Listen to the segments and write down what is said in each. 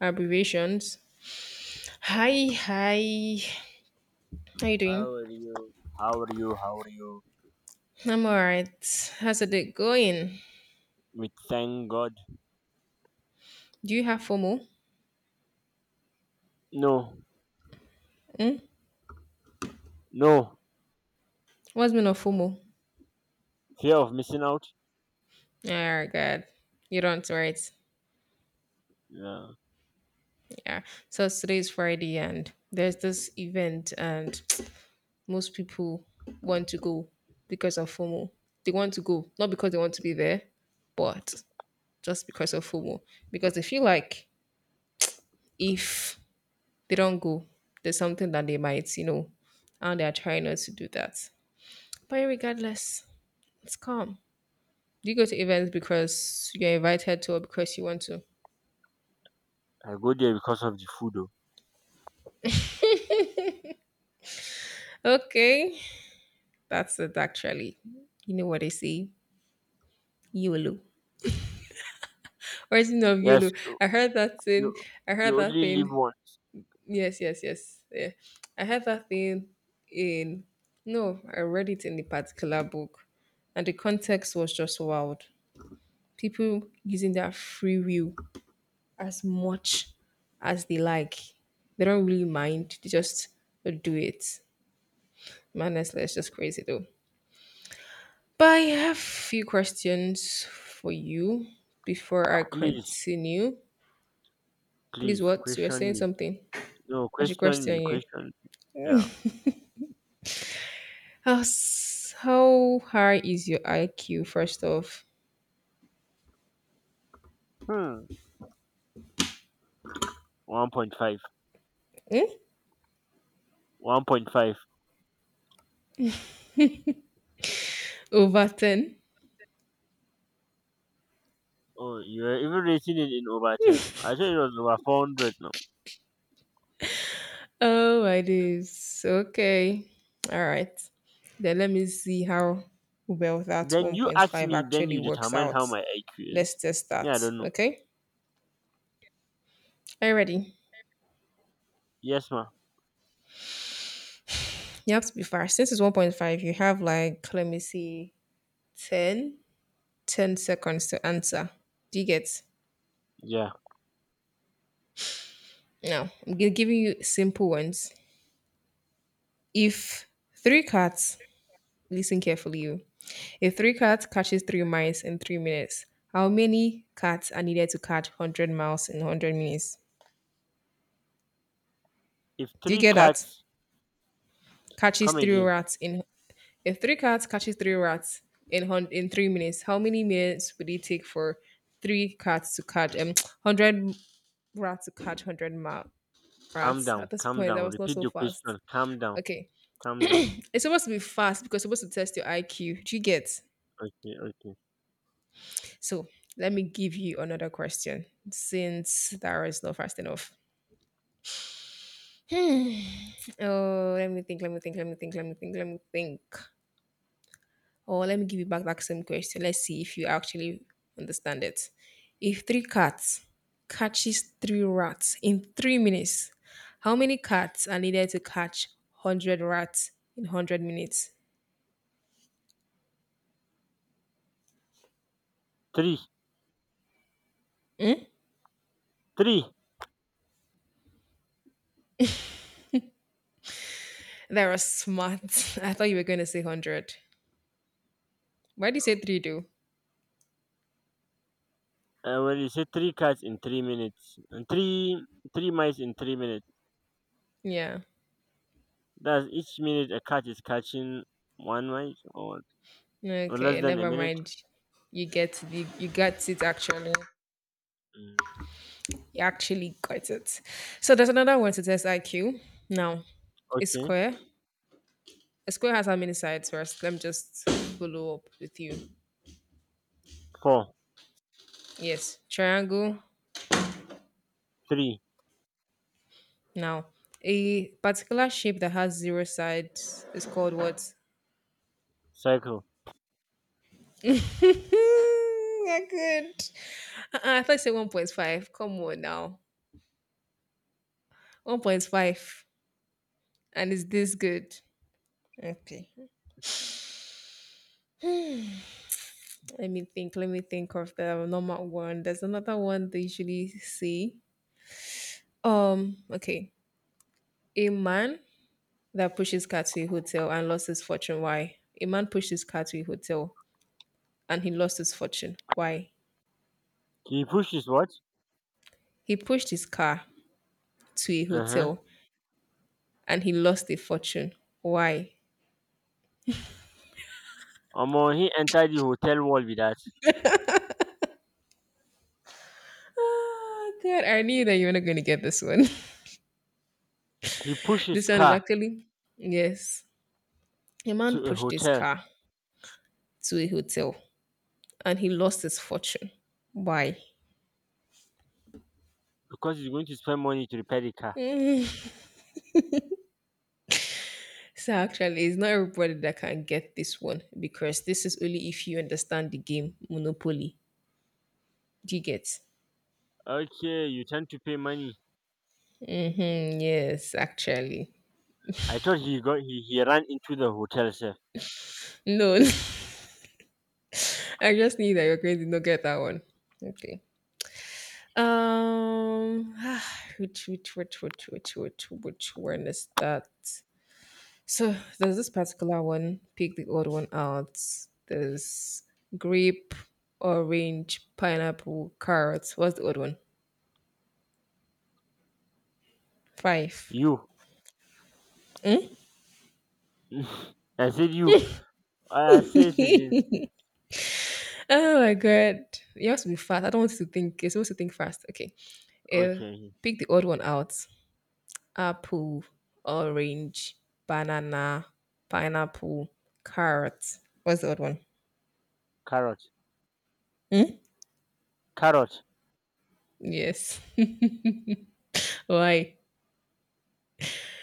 Abbreviations. Hi, hi. How you doing? How are you? How are you? How are you? I'm alright. How's the day going? We thank God. Do you have FOMO? No, Hmm? no. What's mean of FOMO? Fear of missing out? Oh God, you don't, right? Yeah. Yeah. So today is Friday, and there's this event, and most people want to go because of FOMO. They want to go not because they want to be there, but just because of FOMO. Because they feel like if they don't go. There's something that they might, and they are trying not to do that. But regardless, it's calm. You go to events because you're invited to or because you want to. I go there because of the food. Oh. Okay, that's it actually. You know what they say? YOLO. Or is it not YOLO? Yes, I heard that thing. you I heard you that only live thing. once. Yes, yes, yes. Yeah. I heard that thing in, no, I read it in a particular book. And the context was just wild. People using their free will as much as they like. They don't really mind. They just do it. Honestly, it's just crazy though. But I have few questions for you before I Please, continue. Please, please, what? You were question saying me. something. No, I should question me, question you. question me. Yeah. How high is your IQ, first off? Hmm. 1.5. 1.5. Over 10? Oh, you're even rating it in over 10. I thought it was over 400 now. Oh, it is. Okay. All right. Then let me see how well that Then you ask 1.5 me, then actually you works determine out. how my IQ Let's is. test Yeah, that. I don't know. Okay. Are you ready? Yes, ma. You have to be fast. Since it's 1.5, you have like, let me see, 10, 10 seconds to answer. Do you get? Yeah. Now, I'm giving you simple ones. If three cats, listen carefully, you. If three cats catches three mice in 3 minutes, how many cats are needed to catch 100 miles in 100 minutes? If Do you three get that? cats. Catches Come three again. rats in If three cats catches three rats in in 3 minutes, how many minutes would it take for three cats to catch 100 rats to catch hundred Calm rats? At down, this calm point, down. that was not Repeat so the fast. question. Calm down, Okay, calm down. it's supposed to be fast because it's supposed to test your IQ. Do you get? Okay, okay. So let me give you another question since that is not fast enough. Oh, let me think. Let me think. Let me think. Let me think. Let me think. Or let me give you back that same question. Let's see if you actually understand it. If three cats catches three rats in 3 minutes, how many cats are needed to catch 100 rats in 100 minutes? Three, three. They were smart. I thought you were going to say 100. Why do you say three? Do When you say three cats in 3 minutes, three mice in 3 minutes. yeah. That's each minute a cat is catching one mice, or less Okay, than a never minute. mind. You got it actually. Mm. You actually got it. So there's another one to test IQ. Now, it's Okay. square. A square has how many sides first? Let me just follow up with you. Four, Yes, triangle. three. Now, a particular shape that has zero sides is called what? Cycle. I could. Uh-uh, I thought you said 1.5. Come on now. 1.5. And is this good? Okay. Let me think. Let me think of the normal one. There's another one they usually see. Okay. A man that pushes car to a hotel and lost his fortune. Why? A man pushed his car to a hotel and he lost his fortune. Why? He pushes what? He pushed his car to a Uh huh. hotel and he lost a fortune. Why? Omo, he entered the hotel wall with that. Oh God, I knew that you were not going to get this one. He pushed his This one is car actually yes. A man to a pushed his hotel car to a hotel and he lost his fortune. Why? because he's going to spend money to repair the car. So actually, it's not everybody that can get this one because this is only if you understand the game Monopoly. Do you get? Okay, you tend to pay money. Hmm, yes, actually. I thought he ran into the hotel, sir. No, I just knew that you're going to not get that one. Okay. Um, which one is that? So there's this particular one. Pick the odd one out. There's grape, orange, pineapple, carrots. What's the odd one? Five. You. I said you. I said it again. Oh my god. You have to be fast. I don't want you to think. You're supposed to think fast. Okay. Uh, Okay. pick the odd one out. Apple, orange, banana, pineapple, carrot. What's the other one? Carrot. Carrot. Yes. Why?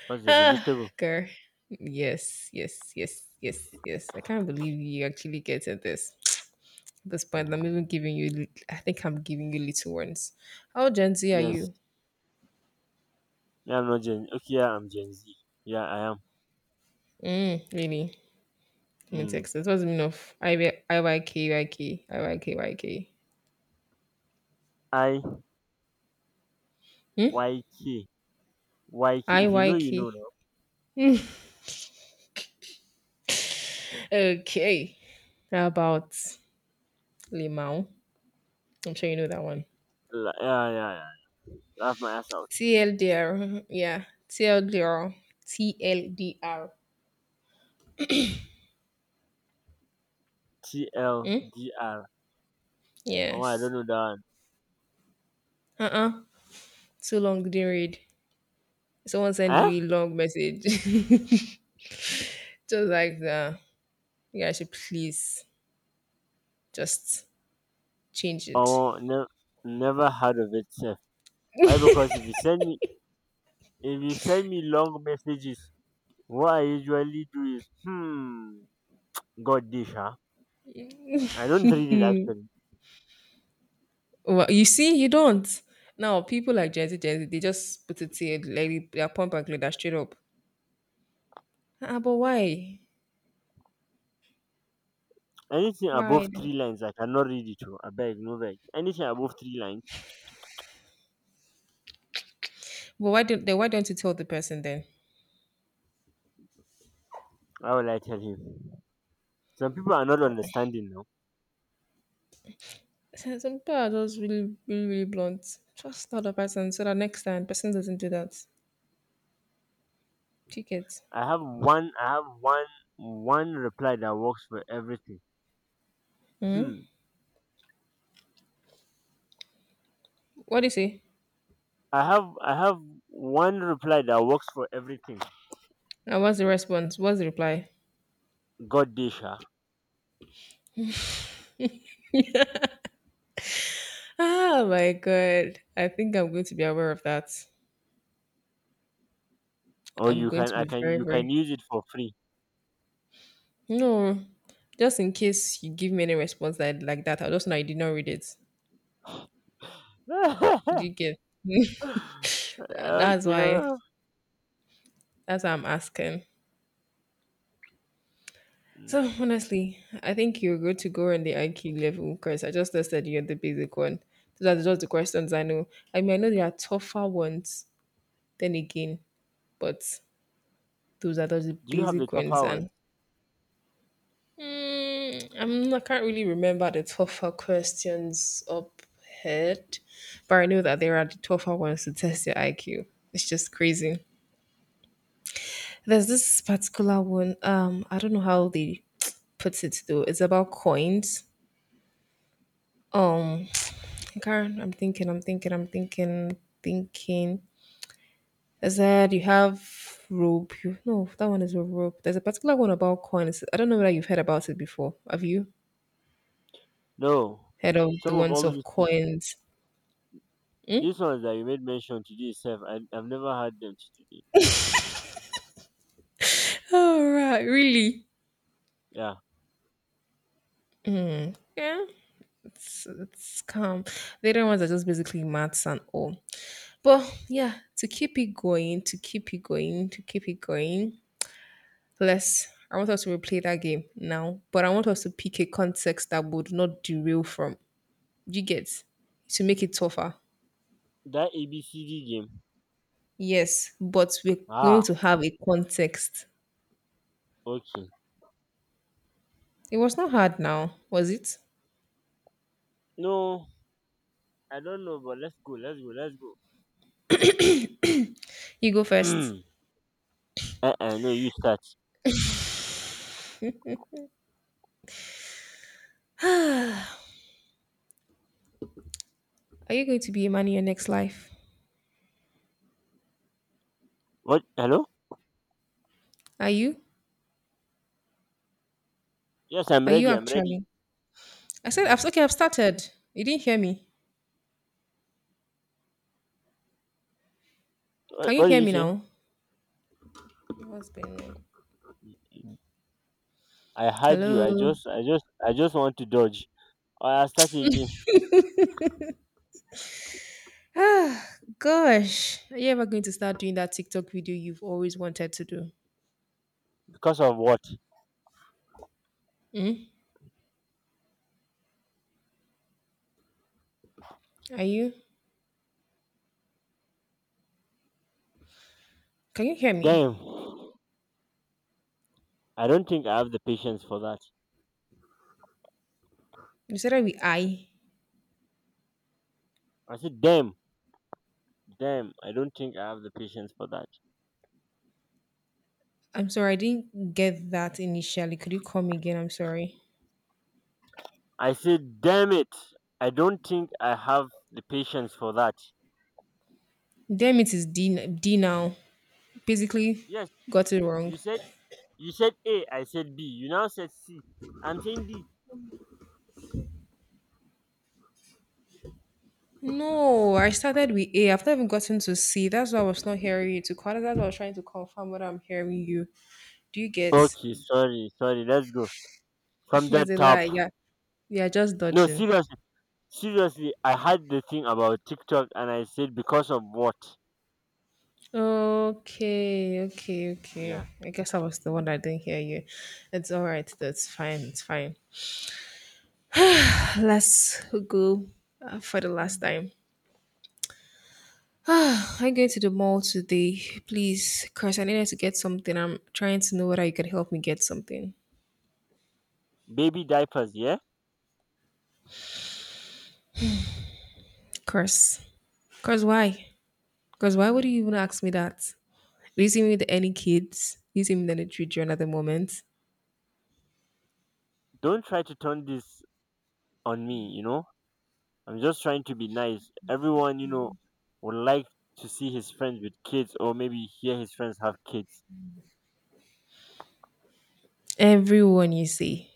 What's the Ah, vegetable? girl. Yes, yes, yes, yes, yes. I can't believe you actually getting this. At this point, I'm even Um, giving you. I think I'm giving you little ones. How Gen Z are yes. you? Yeah, I'm not Gen. Okay, yeah, I'm Gen Z. Yeah, I am. Mm, really? Let me Mm. text this. What's the meaning of IY- I Hmm? Y K Y K. If you know, you IYK. know. No. Okay. How about Limau? I'm sure you know that one. Yeah, yeah, yeah. Laugh my ass out. TLDR. Mhm, yeah. TLDR. TLDR. T L Hmm? D R. Oh, I Yes. don't know that Uh-uh. Too long didn't read. Someone send one. Eh? you a long message. Just like that. You guys should please just change it. Oh, no, never heard of it, sir. Why? Because if you send me long messages. What I usually do is God dish huh? I don't read it actually. Well, you see, you don't. Now, people like Gen Z, Gen Z, they just put it here, like they are pump and clear that straight up. Ah, but why? Anything Why? above three lines I cannot read it to. I beg no beg. Anything above three lines, But why don't they? Why don't you tell the person then? how will I tell him? Some people are not understanding now. So some people are just really, really, really blunt. Just tell the person so that next time person doesn't do that. Ticket. I have one reply that works for everything. Hmm. What do you say? I have one reply that works for everything. And what's the response? What's the reply? God dish huh? Oh my god. I think I'm going to be aware of that. Or I'm you going can to I be can very, you can very use it for free. no. Just in case you give me any response that like that, I just know I did not read it. Do Okay. you get? That's why. Mm. That's why I'm asking. So honestly, I think you're good to go on the IQ level because I just listed you at the basic one. Those are just the questions I know. I mean, I know there are tougher ones then again, but those are just the Do you have the basic ones. tougher one? And I can't really remember the tougher questions up head, but I know that there are the tougher ones to test your IQ. It's just crazy. There's this particular one. I don't know how they put it though. It's about coins. Um, Karen, I'm thinking. I said you have rope. You, no, that one is a rope. There's a particular one about coins. I don't know whether you've heard about it before. Have you No, heard of the some of ones all of of these things, coins? these ones that you made mention today itself, I've never had them till today. All right, really? Yeah, Yeah, it's calm. The other ones are just basically maths and all. But yeah, to keep it going, to keep it going, to keep it going, let's. I want us to replay that game now, but I want us to pick a context that would not derail from you get to make it tougher. that ABCD game. Yes, but we're going Ah, to have a context. okay. It was not hard now, was it? No, I don't know, but let's go, let's go, let's go. You go first. No, you start. Are you going to be a man in your next life? What? Hello? Are you? Yes, I'm Are you ready. I'm ready. actually? I said, okay, I've started. You didn't hear me. What, Can you what did hear you me say? now? What's going on? I heard you. I Hello. just, I just, I just want to dodge. Oh, I start again Ah, gosh. Are you ever going to start doing that TikTok video you've always wanted to do? because of what? Are you? Can you hear me? Damn, I don't think I have the patience for that. You said that with I. I said, damn, damn, I don't think I have the patience for that. I'm sorry, I didn't get that initially. Could you come again? I'm sorry. I said, damn it. I don't think I have the patience for that. Damn it is D D now. Basically Yes, got it wrong. you said you said A, I said B. You now said C. I'm saying D. No, I started with A. I've not even gotten to C. That's why I was not hearing you to call. That's why I was trying to confirm whether I'm hearing you. Do you get? Okay, sorry, sorry, let's go. From that It's a top. lie. Yeah. Yeah, just No, dodging. seriously. Seriously, I had the thing about TikTok and I said because of what? Okay, okay, Yeah. okay. I guess I was the one that didn't hear you. It's all right. That's fine. It's fine. Let's go for the last time. Ah, I'm going to the mall today, please. Curse, I needed to get something. I'm trying to know whether you can help me get something. Baby diapers, yeah? Curse. Curse, why? Because why would you even ask me that? Do you see me with any kids? Do you see me with any children at the moment? Don't try to turn this on me, you know? I'm just trying to be nice. Everyone, would like to see his friends with kids or maybe hear his friends have kids. Everyone you see.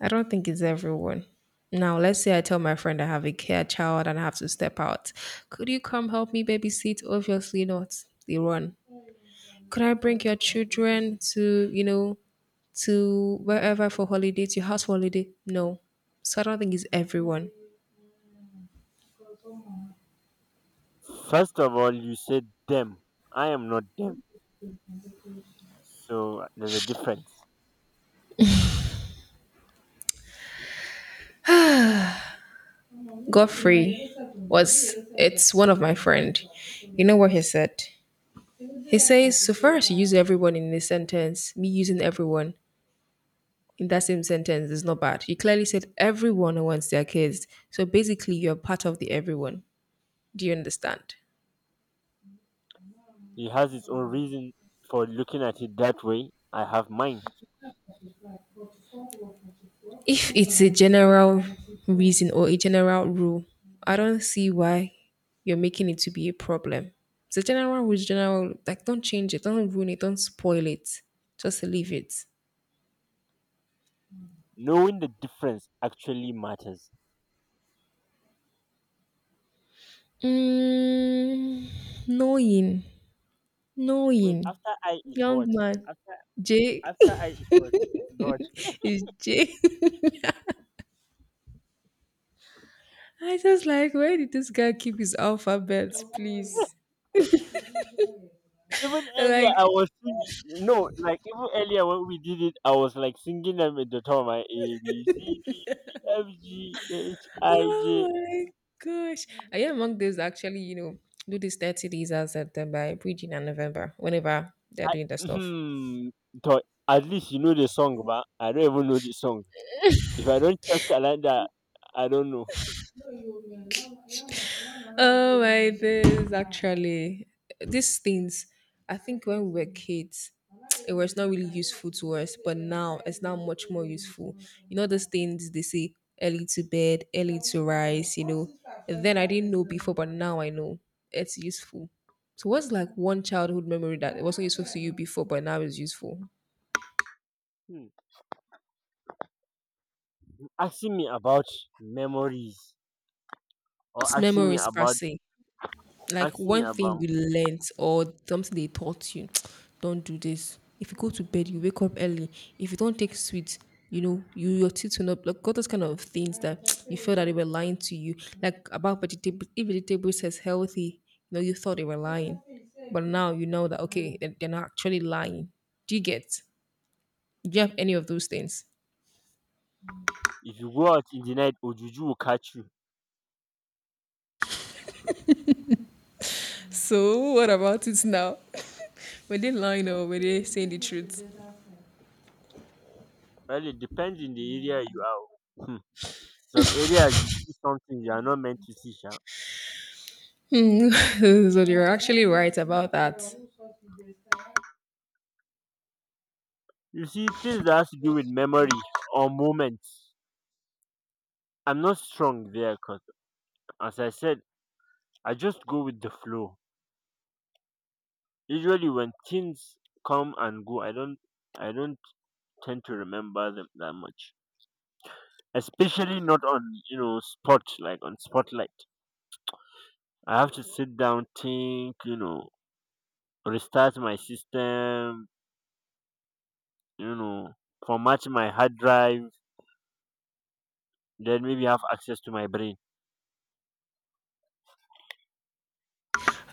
I don't think it's everyone. Now, let's say I tell my friend I have a care child and I have to step out. Could you come help me babysit? Obviously not. They run. Could I bring your children to wherever for holiday, to your house for holiday? No. So I don't think it's everyone. First of all, you said them. I am not them. So there's a difference. Godfrey was it's one of my friend. You know what he said? He says, so far as you use everyone in this sentence, me using everyone in that same sentence is not bad. You clearly said everyone wants their kids. So basically you're part of the everyone. Do you understand? He has his own reason for looking at it that way. I have mine. If it's a general reason or a general rule, I don't see why you're making it to be a problem. It's a general rule, general like don't change it, don't ruin it, don't spoil it. Just leave it. Knowing the difference actually matters. Mm, knowing. Wait, Knowing. after I is Young what? man. After J after I is what? God. is J. I just like where did this guy keep his alphabets, please? Even earlier I Like, was singing no, like even earlier when we did it, I was like singing them at the top of my A B C D E F G H I J oh my gosh. Are you among those that actually, do these 30 days as at them by bridging and November, whenever they're I doing that stuff? mhm, to at least you know the song, but I don't even know the song. If I don't check calendar, I don't know. Oh my days, actually. These things, I think when we were kids, it was not really useful to us, but now it's now much more useful. You know, those things they say early to bed, early to rise. Then I didn't know before, but now I know it's useful. So what's like one childhood memory that it wasn't useful to you before, but now is useful? Hmm. Asking me about memories, or Not asking me memories per about se, like asking me one thing about you learnt or something they taught you. Don't do this. If you go to bed, you wake up early. If you don't take sweets, your teeth will not block. Got those kind of things that you feel that they were lying to you. Like about vegetables, if vegetables says healthy, you thought they were lying. But now you know that okay, they're not actually lying. Do you get? Do you have any of those things? if you go out in the night, Ojuju will catch you. So what about it now? Were they lying or were they saying the truth? Well, it depends in the area you are. Hmm. Some areas you see something you are not meant to see. Sha. Hmm, so you're actually right about that. You see things that has to do with memory or moments. I'm not strong there because, as I said, I just go with the flow. Usually when things come and go, I don't tend to remember them that much. Especially not on spot like on spotlight. I have to sit down, think, restart my system, you know, format my hard drive, then maybe have access to my brain.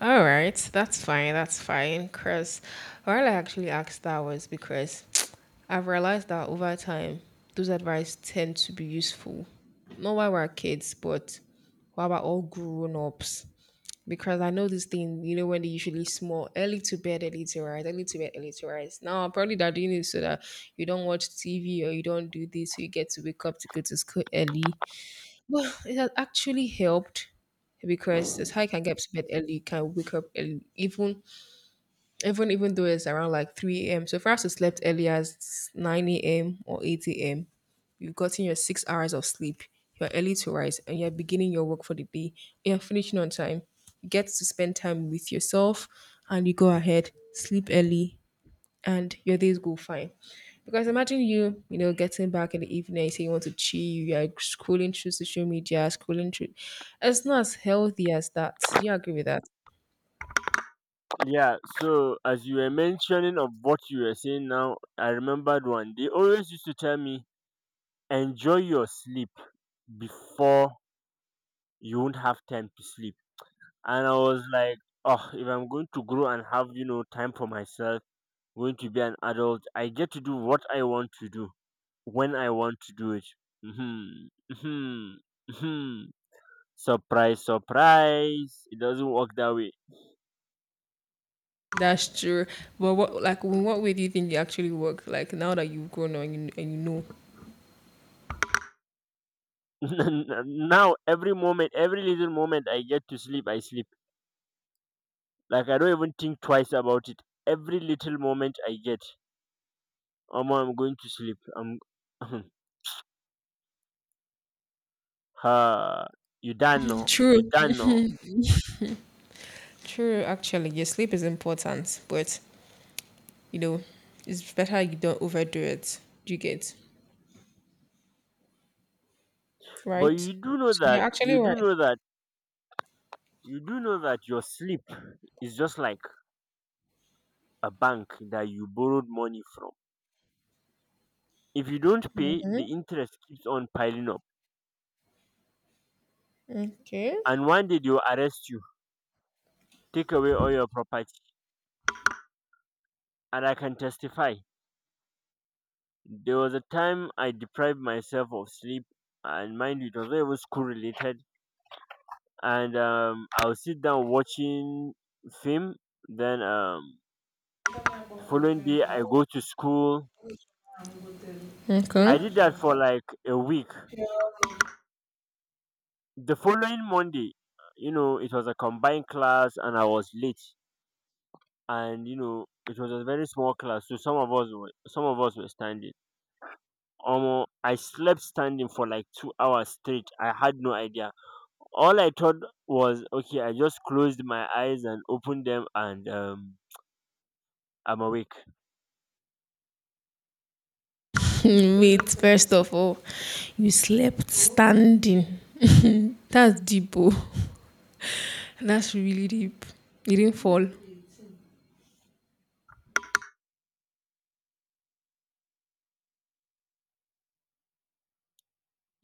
All right, that's fine. That's fine. Because why I actually asked that was because I've realized that over time, those advice tend to be useful. Not while we're kids, but while we're all grown ups. Because I know this thing, when they usually small, early to bed, early to rise, early to bed, early to rise. Now, probably they're doing it so that you don't watch TV or you don't do this, so you get to wake up to go to school early. Well, it has actually helped because it's how you can get to bed early, you can wake up early, even though it's around like 3 a.m. So if I slept early as 9 a.m. or 8 a.m., you've gotten your 6 hours of sleep. You're early to rise, and you're beginning your work for the day. You're finishing on time. You get to spend time with yourself, and you go ahead sleep early and your days go fine. Because imagine you, getting back in the evening, you say you want to chill, you're scrolling through social media, scrolling through. It's not as healthy as that. Do you agree with that? Yeah, so as you were mentioning of what you were saying now, I remembered one. They always used to tell me, enjoy your sleep before you won't have time to sleep. And I was like, oh, if I'm going to grow and have, time for myself, going to be an adult, I get to do what I want to do when I want to do it. hmm hmm hmm Surprise, surprise. It doesn't work that way. That's true. But what, like, in what way do you think it actually works? Like, now that you've grown up and you know. Now, every little moment I get to sleep, I sleep. Like, I don't even think twice about it. Every little moment I get, oh, I'm going to sleep. I'm, ha, you done, no? You True. done, no? True, actually. Your sleep is important, but, you know, it's better you don't overdo it. Do you get? But Right? So they're actually right. You do know that your sleep is just like a bank that you borrowed money from. If you don't Mm, pay, the interest keeps on piling up. okay. And one day they will arrest you, take away all your property. And I can testify. There was a time I deprived myself of sleep, and mind you, it was not even school related. And I will sit down watching film, then the following day I go to school. Okay. I did that for like a week. The following Monday, it was a combined class, and I was late. And it was a very small class, so some of us were standing. I slept standing for like 2 hours straight. I had no idea. All I thought was, okay, I just closed my eyes and opened them, and I'm awake. Wait, first of all, you slept standing. That's deep. Oh. That's really deep. You didn't fall.